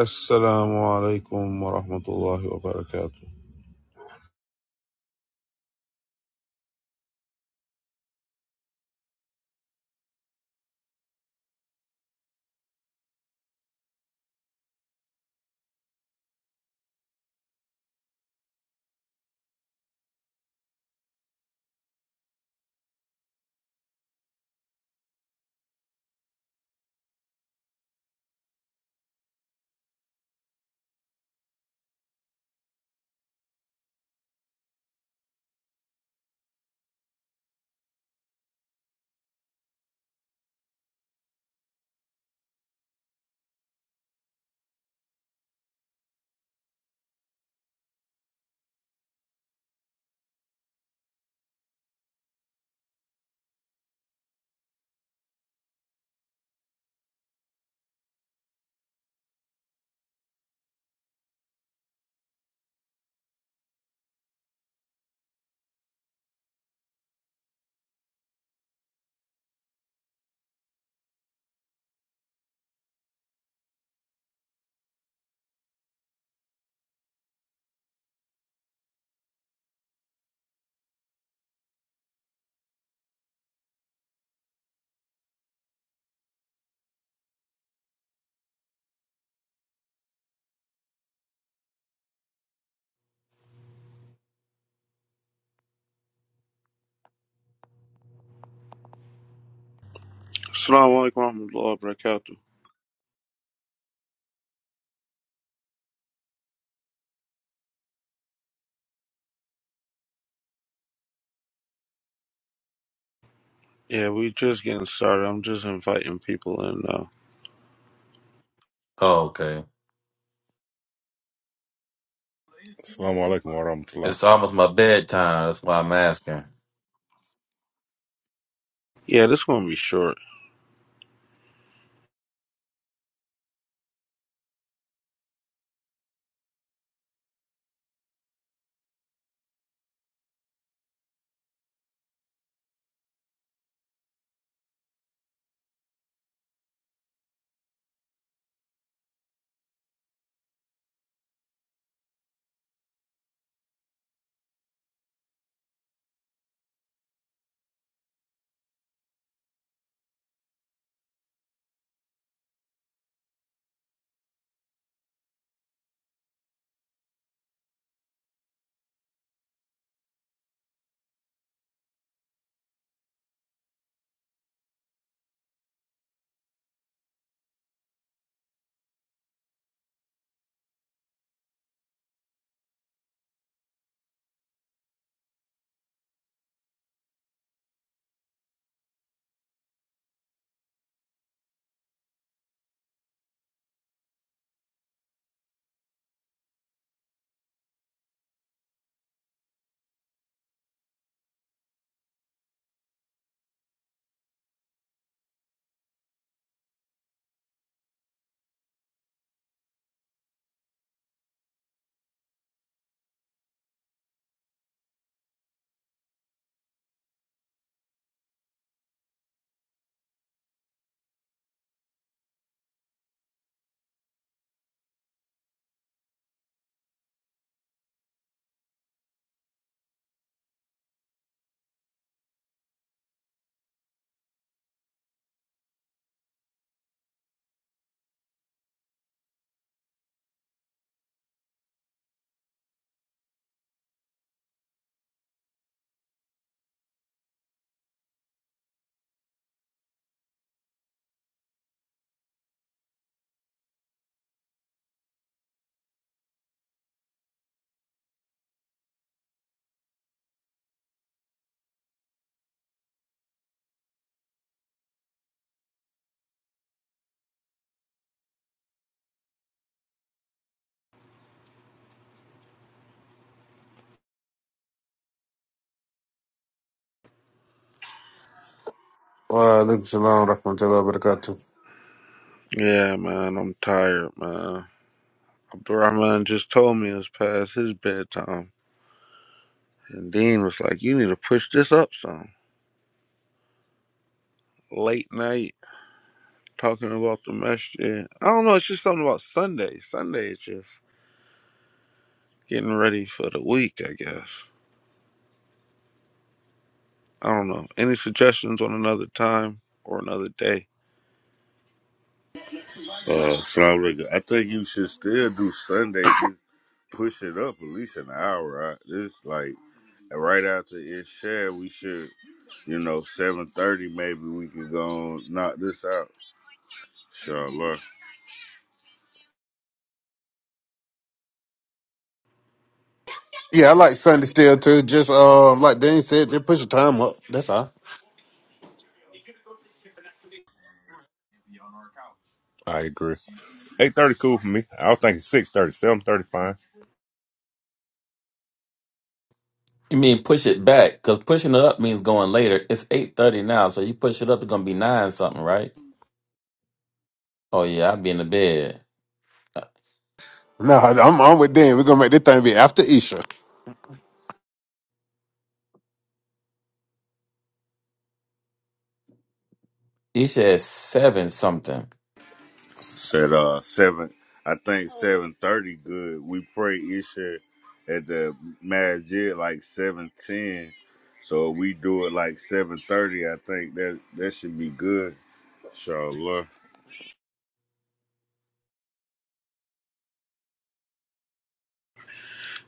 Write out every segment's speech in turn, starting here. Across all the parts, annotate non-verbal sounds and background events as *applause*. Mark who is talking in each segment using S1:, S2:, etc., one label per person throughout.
S1: Assalamu alaikum wa rahmatullahi wa barakatuh. Assalamu alaikum wa rahmatullahi wa barakatuh. Yeah, we just getting started. I'm just inviting people in now.
S2: Oh, okay.
S3: Assalamu alaikum wa rahmatullah.
S2: It's almost my bedtime. That's why I'm asking.
S1: Yeah, this gonna be short.
S4: Well, look, shalom, rahmatullah, barakatuh.
S1: Yeah, man, I'm tired, man. Abdurrahman just told me it's past his bedtime. And Dean was like, You need to push this up some. Late night, talking about the masjid. I don't know, it's just something about Sunday. Sunday is just getting ready for the week, I guess. I don't know. Any suggestions on another time or another day?
S5: Uh, Salam alaikum. I think you should still do Sunday. Just push it up at least an hour. Right? This like right after it's shared, we should, you know, seven thirty. Maybe we can go and knock this out. Inshallah.
S4: Yeah, I like Sunday still too. Just um, like Dan said, just push the time up. That's all.
S3: I agree. 8.30 cool for me. I was thinking 6.30, 7.30 fine.
S2: You mean push it back? Because pushing it up means going later. It's eight thirty now, so you push it up, it's gonna be nine something, right? Oh yeah, I'll be in the bed.
S4: No, I'm I'm with Dan. We're gonna make this thing be after Isha.
S2: He said seven something.
S5: Said uh seven. I think seven thirty. Good. We pray Isha at the Masjid like seven ten. So if we do it like seven thirty. I think that that should be good. Inshallah.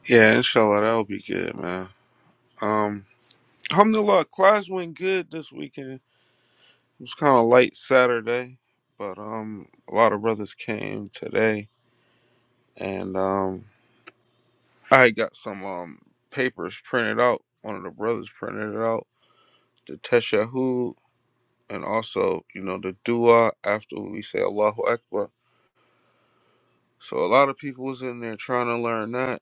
S1: Yeah, inshallah, that'll be good, man. Um, alhamdulillah, class went good this weekend. It was kind of light Saturday, but um, a lot of brothers came today, and um, I got some um papers printed out. One of the brothers printed it out, the teshahud, and also you know the dua after we say Allahu Akbar. So a lot of people was in there trying to learn that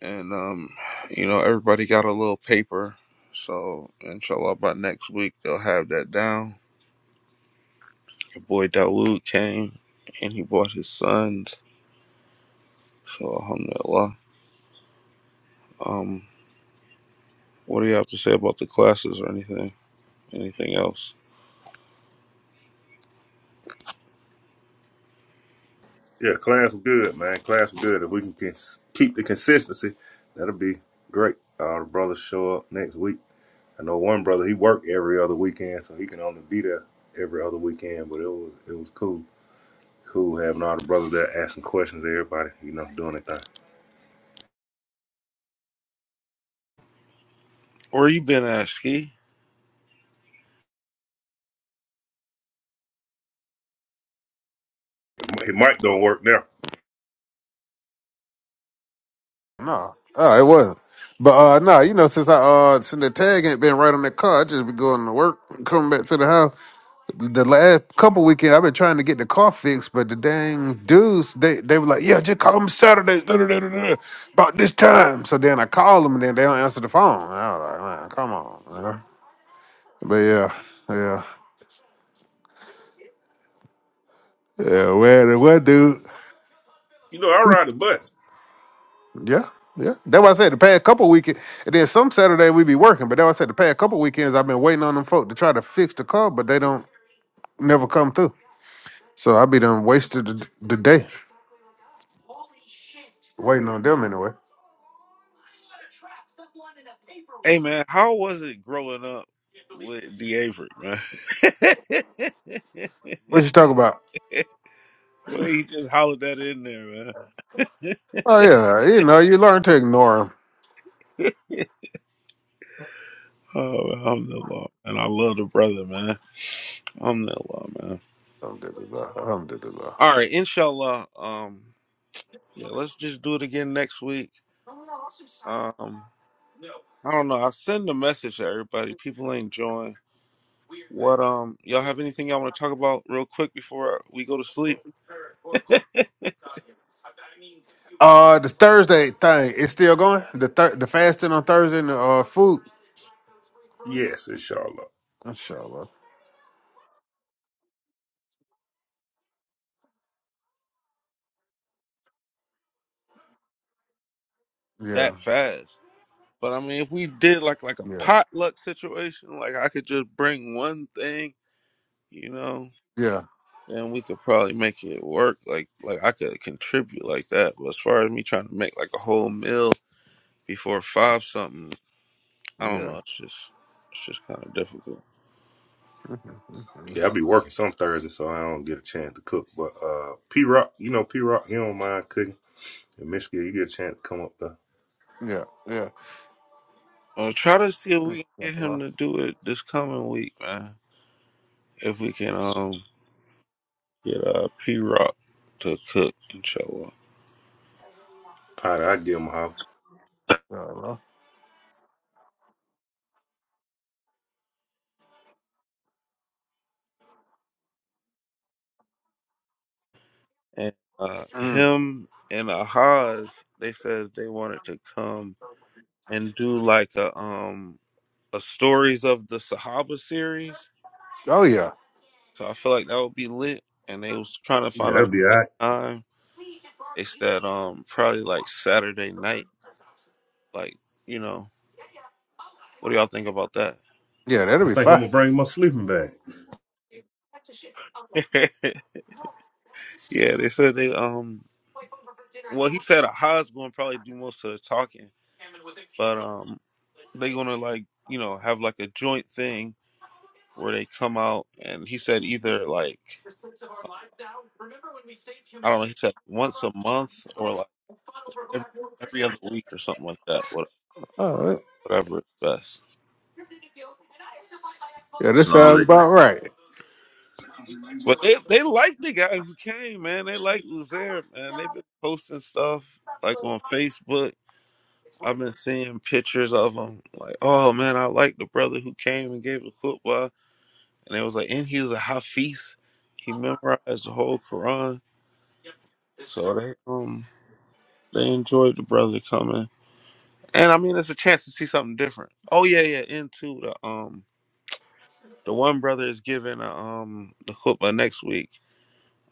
S1: and um, you know everybody got a little paper. So inshallah, by next week they'll have that down. Your boy Dawood came and he brought his sons. So alhamdulillah. Um, what do you have to say about the classes or anything? Anything else?
S3: Yeah, class was good, man. Class was good. If we can cons- keep the consistency, that'll be great. All the brothers show up next week. I know one brother, he worked every other weekend, so he can only be there every other weekend, but it was it was cool. Cool having all the brothers there asking questions to everybody, you know, doing their thing.
S1: Where you been at, Ski?
S3: Hey, Mike don't work now.
S4: No, oh, it wasn't. But uh, no, you know, since I uh, since the tag ain't been right on that car, I just be going to work, coming back to the house. The last couple weekend, I've been trying to get the car fixed, but the dang dudes, they they were like, yeah, just call them Saturday, da, da, da, da, da, about this time. So then I call them, and then they don't answer the phone. And I was like, man, come on. man. But yeah, yeah, yeah. Well, the what dude?
S3: You know, I ride the bus.
S4: Yeah, yeah. That's why I said the past couple weekends, and then some Saturday we be working. But that's why I said the past couple weekends I've been waiting on them folk to try to fix the car, but they don't never come through. So I be done wasted the, the day waiting on them anyway.
S1: Hey man, how was it growing up with D Avery, man? *laughs*
S4: What you talking about?
S1: The way he just hollered that in there,
S4: Oh yeah, you know you learn to ignore them.
S1: man. *laughs* Oh, alhamdulillah. And I love the brother, man. Alhamdulillah, man.
S4: Alhamdulillah, alhamdulillah.
S1: All right, inshallah. Um, yeah, let's just do it again next week. Um, I don't know. I send a message to everybody. People ain't join. What um, y'all have anything y'all want to talk about real quick before we go to sleep?
S4: Uh, the Thursday thing is still going. The thir- the fasting on Thursday and the uh, food.
S3: Yes, inshallah.
S4: Inshallah. Yeah,
S1: That fast. But I mean, if we did like like a
S4: yeah,
S1: potluck situation, like I could just bring one thing, you know,
S4: yeah,
S1: then we could probably make it work. Like like I could contribute like that. But as far as me trying to make like a whole meal before five something. I don't know. It's just it's just kind of difficult.
S4: yeah. *laughs*
S3: Yeah, I be working some Thursday, so I don't get a chance to cook. But uh, P Rock, you know P Rock, he don't mind cooking. In Michigan, you get a chance to come up there.
S4: Yeah, yeah.
S1: Uh, try to see if we can get
S4: Uh-huh.
S1: him to do it this coming week, man. If we can um get uh P Rock to cook, inshallah.
S3: All right, I give him a holler.
S4: Uh-huh.
S1: And uh
S4: Mm.
S1: him and Ahaz, they said they wanted to come and do like a um a stories of the Sahaba series.
S4: Oh yeah,
S1: So I feel like that would be lit. And they was trying to
S3: Yeah,
S1: find
S3: that'll
S1: out a
S3: be all
S1: good
S3: right.
S1: time. They said um probably like Saturday night, like, you know, what do y'all think about that?
S4: yeah. That'll
S3: I
S4: be
S3: think I'm
S4: fine.
S3: gonna bring my sleeping bag.
S1: yeah, they said they um. Well, he said Ahad's going to probably do most of the talking, but um, they going to like you know have like a joint thing where they come out, and he said either like I don't know, he said once a month or like every every other week or something like that. What
S4: All right.
S1: whatever is best.
S4: Yeah, this
S5: Salam
S4: sounds
S5: alaikum.
S4: about right.
S1: But they they like the guy who came, man. They like Uzair, man. They've been posting stuff like on Facebook. I've been seeing pictures of him. Like, oh man, I like the brother who came and gave a football. and it was like, and he was a Hafiz. He memorized the whole Quran, so they um they enjoyed the brother coming. And I mean, it's a chance to see something different. Oh yeah, yeah. Into the um the one brother is giving a um the khutbah next week.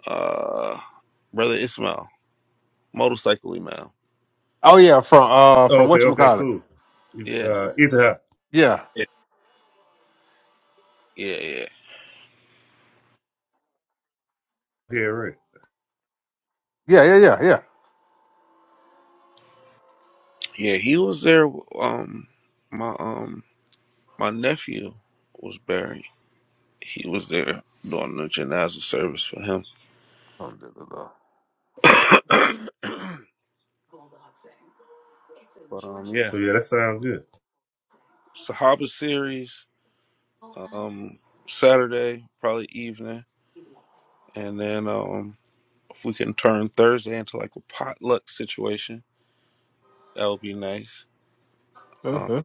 S1: Uh, brother Ismail, motorcycle Imam.
S4: Oh yeah, from uh from
S3: Okay,
S4: what you
S3: okay,
S4: call it?
S3: cool. You,
S1: Yeah,
S3: Uh, either hot,
S4: Yeah,
S1: yeah, yeah, yeah.
S3: yeah, right.
S4: yeah, yeah, yeah, yeah.
S1: Yeah, He was there. Um, my um my nephew was buried. He was there doing the janaza service for him.
S4: *laughs* Alhamdulillah.
S1: *coughs* But um, yeah,
S3: So yeah, that sounds good.
S1: Sahaba series um Saturday probably evening, and then um if we can turn Thursday into like a potluck situation, that would be nice. Um,
S4: Uh-huh.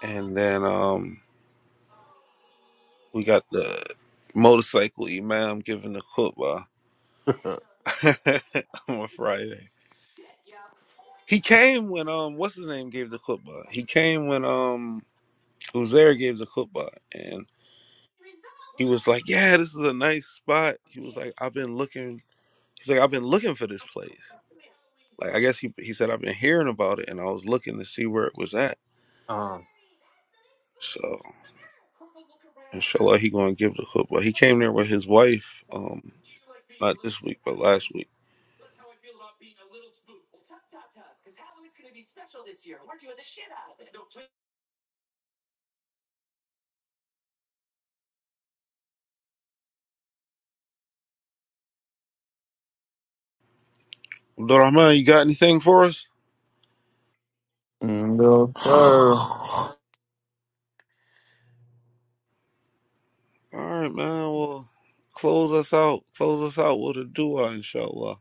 S1: and then um we got the motorcycle imam giving the khutbah *laughs* on Friday. He came when um what's his name gave the khutbah. He came when um Uzair gave the khutbah, and he was like, "Yeah, this is a nice spot." He was like, "I've been looking." He's like, I've been looking for this place. Like, I guess he he said I've been hearing about it, and I was looking to see where it was at.
S4: um,
S1: So, inshallah, he gonna give the khutbah. He came there with his wife, um, not this week, but last week. Abdul Rahman, you got anything for us?
S2: Mm, No sir.
S1: All right, man. Well, close us out. Close us out with a dua, inshallah.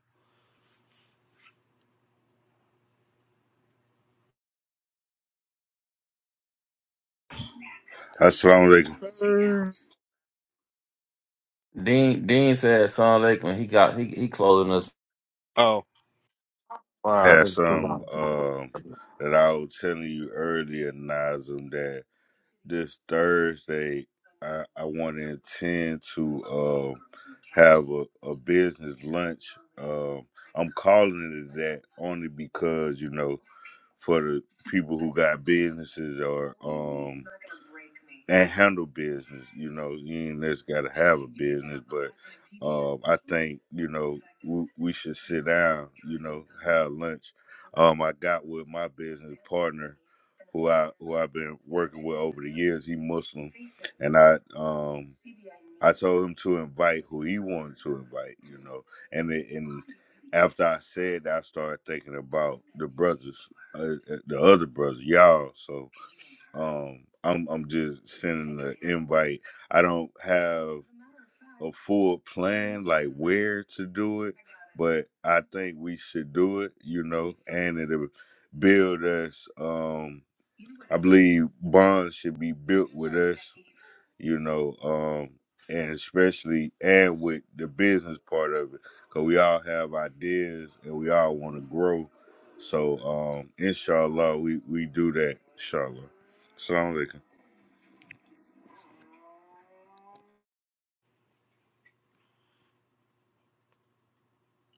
S5: Assalamu alaikum.
S3: Yes, sir.
S2: Dean Dean said Son Lake when he got he he closing us.
S1: Oh,
S4: wow,
S5: had
S4: that's a
S5: some
S4: lot.
S5: um that I was telling you earlier, Nazim, that this Thursday I, I want to intend to uh, have a, a business lunch. Um, I'm calling it that only because you know for the people who got businesses or um and handle business. You know, you ain't just got to have a business, but um, I think you know we, we should sit down. You know, have lunch. Um, I got with my business partner who I who I've been working with over the years. He Muslim, and I um I told him to invite who he wanted to invite. You know, and it, and after I said that, I started thinking about the brothers, uh, uh, the other brothers, y'all. So. Um, I'm I'm just sending the invite. I don't have a full plan like where to do it, but I think we should do it. You know, and it'll build us. Um, I believe bonds should be built with us. You know, um, and especially and with the business part of it, cause we all have ideas and we all want to grow. So, um, inshallah, we we do that. Inshallah. Assalamu alaikum.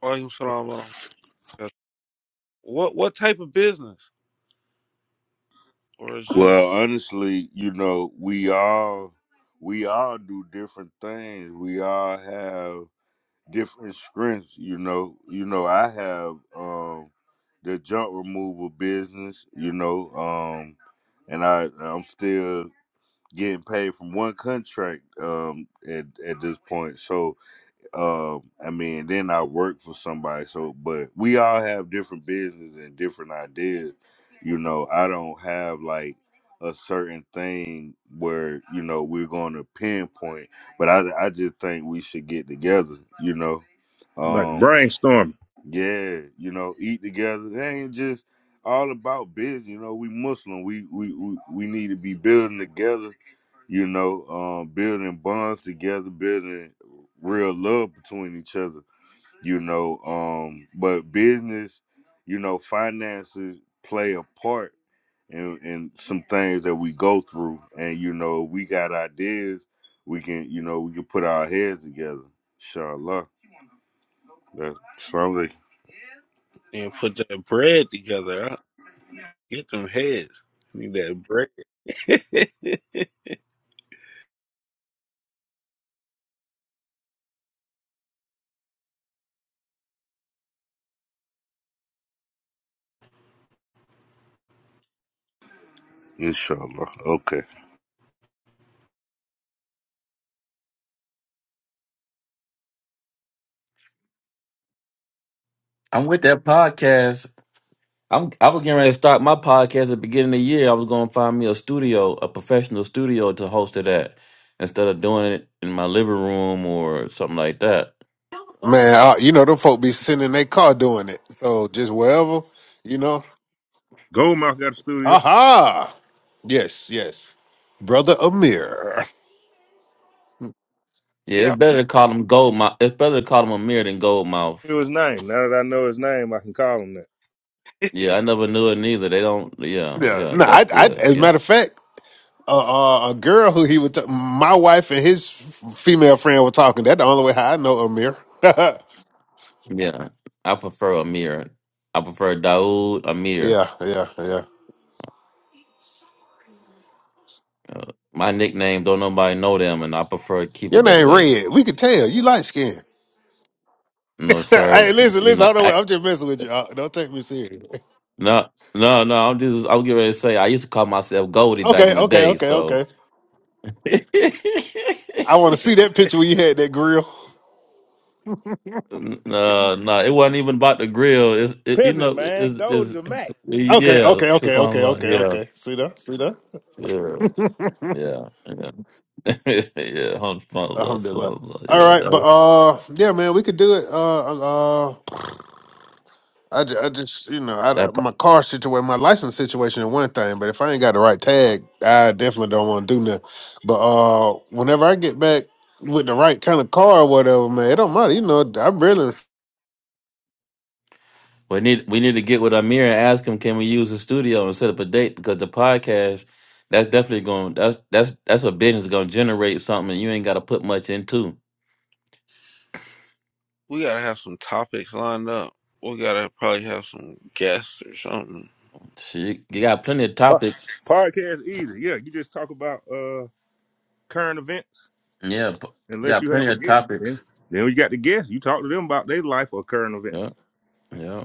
S1: Walaikum salam wa rahmatullah. what what type of business, or it's
S5: Well,
S1: just
S5: honestly, you know, we all we all do different things. We all have different strengths, you know. You know, I have um the junk removal business, you know, um and I I'm still getting paid from one contract um at at this point. So, um i mean then i work for somebody so but we all have different businesses and different ideas you know i don't have like a certain thing where you know we're going to pinpoint but i i just think we should get together you know
S3: Like
S5: um,
S3: brainstorming.
S5: yeah, you know, eat together. It ain't just all about business. You know, we Muslim. We we we, we need to be building together. You know, um, building bonds together, building real love between each other. You know, um, but business, you know, finances play a part in, in some things that we go through, and you know, we got ideas. We can, you know, we can put our heads together. Inshallah. That's what I'm like.
S1: you know, put that bread together? Huh? Get them heads. Need that bread. *laughs*
S5: Inshallah. Okay.
S2: I'm with that podcast. I'm I was getting ready to start my podcast at the beginning of the year. I was gonna find me a studio, a professional studio to host it at instead of doing it in my living room or something like that.
S4: man, uh, you know them folk be sitting in their car doing it. So just wherever, you know.
S3: Goldmouth got a studio.
S4: Aha! Yes, yes. Brother Amir.
S2: Yeah,
S1: Yeah,
S2: it's better to call them gold mouth it's better to call them a mirror than gold mouth.
S3: Knew his name. Now that I know his name, I can call him that.
S1: *laughs*
S2: Yeah, I never knew it neither. They don't yeah,
S4: Yeah.
S2: yeah,
S4: No,
S2: that's
S4: I, I
S2: good.
S4: as a
S2: Yeah.
S4: matter of fact, uh, uh, a girl who he would, t- my wife and his f- female friend were talking. That's the only way how I know Amir. *laughs* yeah,
S2: Yeah. I prefer a mirror. I prefer Daoud Amir.
S4: yeah, yeah.
S2: My nickname don't nobody know them and I prefer to keep
S4: Your
S2: it that
S4: name
S2: way.
S4: Red. We could tell you light skin.
S2: No
S4: *laughs*
S2: sir.
S4: hey, listen,
S2: You
S4: listen.
S2: know,
S4: Hold on.
S2: ac-
S4: I'm just messing with you. Uh, Don't take me serious. *laughs*
S2: No, no, no. I'm just I'm getting ready to say I used to call myself Goldie back
S4: Okay,
S2: in the
S4: okay,
S2: day,
S4: okay, okay.
S2: so *laughs* N-
S4: I want to see that picture where you had that grill.
S2: no, no, it wasn't even about the grill. It's it, you
S3: Pimpin',
S2: know,
S3: man,
S2: it's,
S3: go to
S2: it's
S3: the Mac.
S2: *laughs*
S4: Okay,
S2: yeah,
S4: okay, okay, okay,
S2: subhanAllah.
S4: okay,
S2: Yeah,
S4: okay. See that? See that?
S2: yeah, yeah, yeah. *laughs* yeah, hundred subhanAllah,
S4: Alhamdulillah.
S2: subhanAllah.
S4: All
S2: Yeah,
S4: right,
S2: that
S4: but
S2: was
S4: uh, yeah, man, we could do it. Uh, uh, I, ju- I just, you know, I, I-
S2: that po-
S4: my car situation, my license situation is one thing, but if I ain't got the right tag, I definitely don't want to do nothing. But uh, whenever I get back with the right kind of car or whatever, man, it don't matter. You know, I really,
S2: we need we need to get with Amir and ask him can we use the studio and set up a date because the podcast that's definitely going that's that's that's what business gonna generate something you ain't gotta put much into.
S1: we gotta have some topics lined up. We gotta probably have some guests or something.
S2: She you got plenty of
S3: Po-
S2: topics.
S3: Podcast easy. Yeah, you just talk about uh current events.
S2: Yeah, p- you
S3: Unless
S2: got
S3: you
S2: plenty
S3: have a
S2: of
S3: guest, then
S2: topics.
S3: then you got the guest. You talk to them about their life or current
S2: Yeah,
S3: events.
S2: yeah.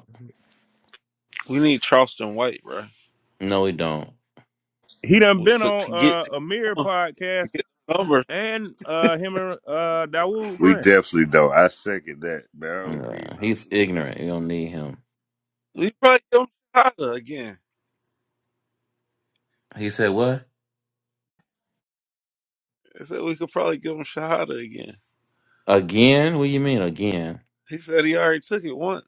S1: We need Charleston White, bro.
S2: No, we don't.
S3: He done
S1: Well,
S3: been
S1: so to
S3: on
S1: get to,
S3: uh, a mirror
S1: to
S3: podcast
S1: get the number,
S3: and uh, him and uh, Dawood
S5: We
S3: friend
S5: definitely don't. I second that, man. I don't need
S2: Yeah. He's
S5: nothing.
S2: ignorant. You don't need him.
S1: we probably give him Shahada again.
S2: He said what?
S1: I said we could probably give him Shahada again.
S2: Again? What do you mean again?
S1: He said he already took it once.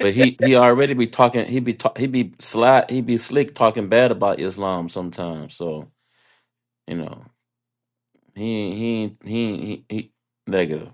S2: But he he already be talking. He be ta- he be sly. He be slick talking bad about Islam sometimes. So you know he he he he, he negative.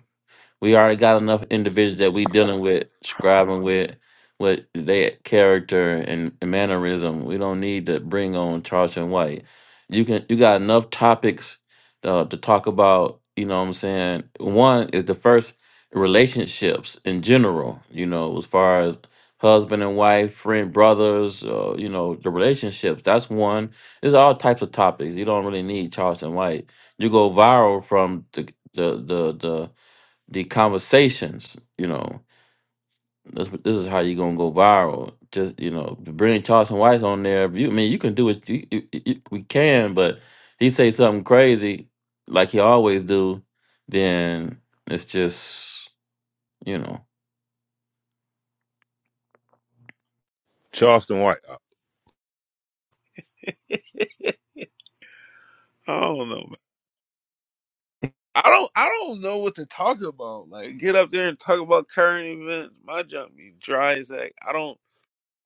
S2: We already got enough individuals that we dealing with, scribing with, with their character and mannerism. We don't need to bring on Charleston White. You can you got enough topics uh, to talk about. You know what I'm saying? One is the first relationships in general. You know, as far as husband and wife, friend, brothers. Uh, you know, the relationships. That's one. There's all types of topics. You don't really need Charleston White. You go viral from the the the the the conversations, you know, this this is how you gonna go viral. Just you know, to bring Charleston White on there. You I mean you can do it. You, you, you, we can, but he say something crazy like he always do. Then it's just you know,
S3: Charleston White. Uh,
S1: I don't know, man. I don't. I don't know what to talk about. Like, get up there and talk about current events. My junk be dry as heck. I don't.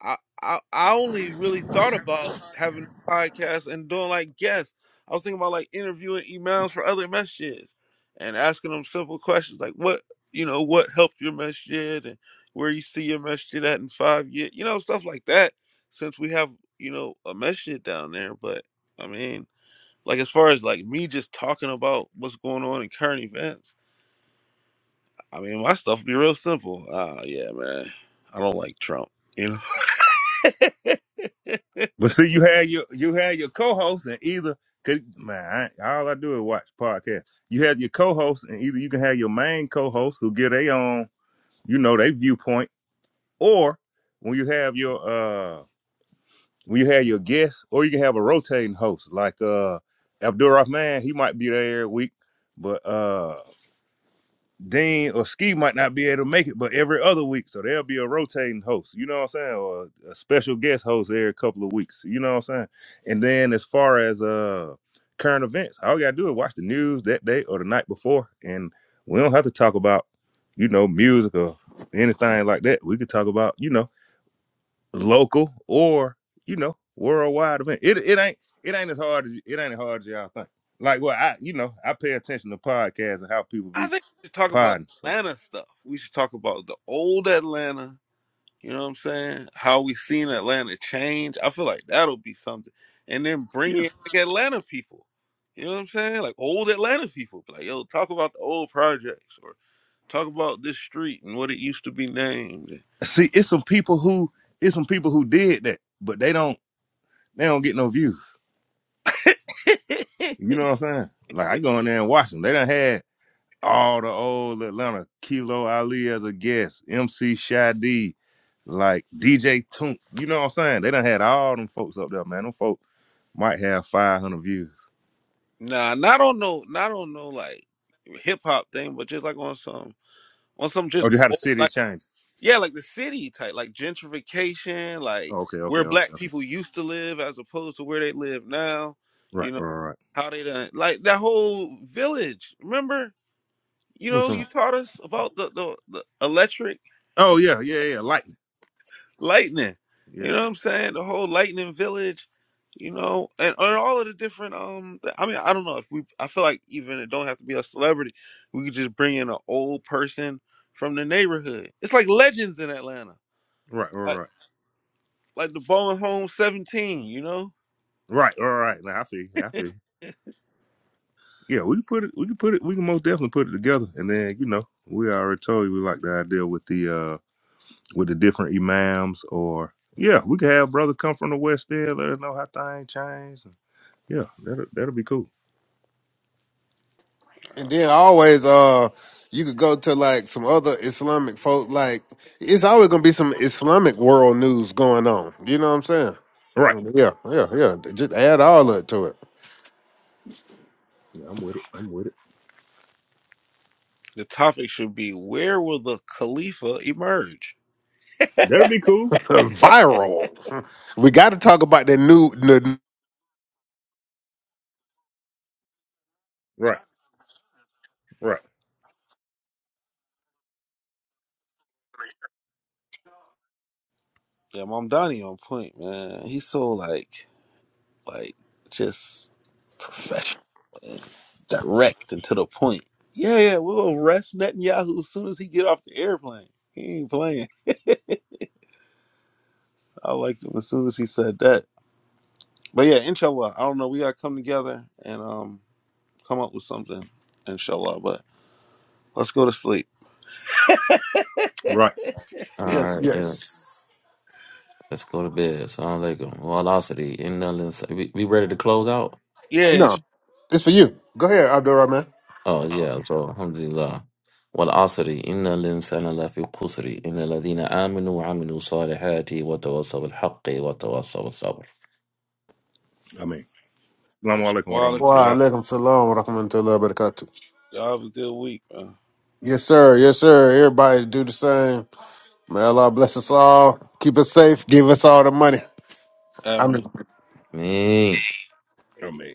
S1: I, I I only really thought about having a podcast and doing like guests. I was thinking about like interviewing emails for other messages and asking them simple questions like what you know what helped your message and where you see your message at in five years, you know stuff like that. Since we have you know a message down there, but I mean like as far as like me just talking about what's going on in current events, I mean my stuff be real simple. Ah yeah man, I don't like Trump, you know.
S3: But see, you had your you had your co-host and either cause man, I, all I do is watch podcasts. You had your co-host and either you can have your main co-host who get their own, you know, their viewpoint, or when you have your uh when you have your guests, or you can have a rotating host like uh Abdul Rahman, he might be there every week, but uh Dean or Ski might not be able to make it, but every other week, so there'll be a rotating host, you know what I'm saying, or a special guest host every couple of weeks, you know what I'm saying. And then as far as uh current events, all you gotta do is watch the news that day or the night before, and we don't have to talk about you know music or anything like that. We could talk about you know local or you know worldwide event. It it ain't it ain't as hard as it ain't as hard as y'all think. Like well, I you know I pay attention to podcasts and how people
S1: I
S3: be
S1: think we should talk about
S3: podding. So
S1: Atlanta stuff. We should talk about the old Atlanta. You know what I'm saying? How we seen Atlanta change. I feel like that'll be something. And then bring
S3: Yeah.
S1: in like Atlanta people. You know what I'm saying? Like old Atlanta people. Be Like, yo, talk about the old projects or talk about this street and what it used to be named.
S3: see, it's some people who it's some people who did that, but they don't they don't get no views.
S1: *laughs*
S3: You know what I'm saying? Like I go in there and watch them. They done had all the old Atlanta Kilo Ali as a guest, MC Shadi, like DJ Toon. You know what I'm saying? They done had all them folks up there, man. Them folk might have 500 views.
S1: Nah, not on no not on no like hip hop thing, but just like on some on some
S3: Oh,
S1: just
S3: they had a
S1: old,
S3: city
S1: like
S3: of change.
S1: Yeah, like the city type, like gentrification, like
S3: Oh, okay, okay,
S1: where
S3: okay,
S1: black
S3: okay.
S1: people used to live as opposed to where they live now.
S3: Right,
S1: You know
S3: right, right.
S1: how they done like that whole village. Remember, you
S3: Who's
S1: know,
S3: on?
S1: you taught us about the the, the electric
S3: Oh yeah, yeah, yeah. yeah, Lightning.
S1: lightning.
S3: Yeah.
S1: You know what I'm saying? The whole lightning village. You know, and, and all of the different um. th- I mean, I don't know if we. I feel like even it don't have to be a celebrity. We could just bring in an old person from the neighborhood. It's like legends in Atlanta.
S3: Right, right, right.
S1: like the Bowling Home 17, you know?
S3: Right, all right. Now I feel, you, I feel. you. Yeah, we can put it. We can put it. We can most definitely put it together. And then you know, we already told you we like the idea with the uh with the different imams or yeah, we could have brother come from the west end. Let us know how things change. And, yeah, that'll that'll be cool.
S4: and then always, uh, you could go to like some other Islamic folk. Like, it's always gonna be some Islamic world news going on. You know what I'm saying?
S3: All right.
S4: Yeah, yeah, yeah. Just add all of it to it.
S3: Yeah, I'm with it. I'm with it.
S1: The topic should be where will the Khalifa emerge?
S3: That'll be cool.
S4: viral. *laughs* We got to talk about the new. The,
S3: Right, right,
S1: Yeah, Mom Donnie on point, man. He's so like like just professional and direct and to the point. Yeah, yeah, we'll arrest Netanyahu as soon as he get off the airplane. He ain't playing. I liked him as soon as he said that. But yeah, inshallah. I don't know. We gotta come together and um come up with something, inshallah. But let's go to sleep.
S3: right.
S2: all
S4: yes,
S2: right, yeah.
S4: yes.
S2: Let's go to bed. Sounds like a velocity. And nothing. to say. We, we ready to close out?
S1: Yeah,
S4: No,
S1: inshallah.
S4: it's for you. Go ahead, Abdul Rahman.
S2: Oh yeah, so Alhamdulillah. والعصر إن الإنسان لفي خسر إلا الذين آمنوا وعملوا الصالحات وتواصوا بالحق وتواصوا بالصبر.
S3: I mean, Salaam alaikum
S1: Wa
S3: wa
S1: alaikum
S4: Wa
S1: salam.
S3: rahmatullah.
S4: alaikum salam wa rahmatullahi wa barakatuh.
S1: Y'all have a good week, man.
S4: Yes, sir. Yes, sir. Everybody do the same. May Allah bless us all. Keep us safe. Give us all the money.
S1: Amen.
S4: Amen.
S3: I mean,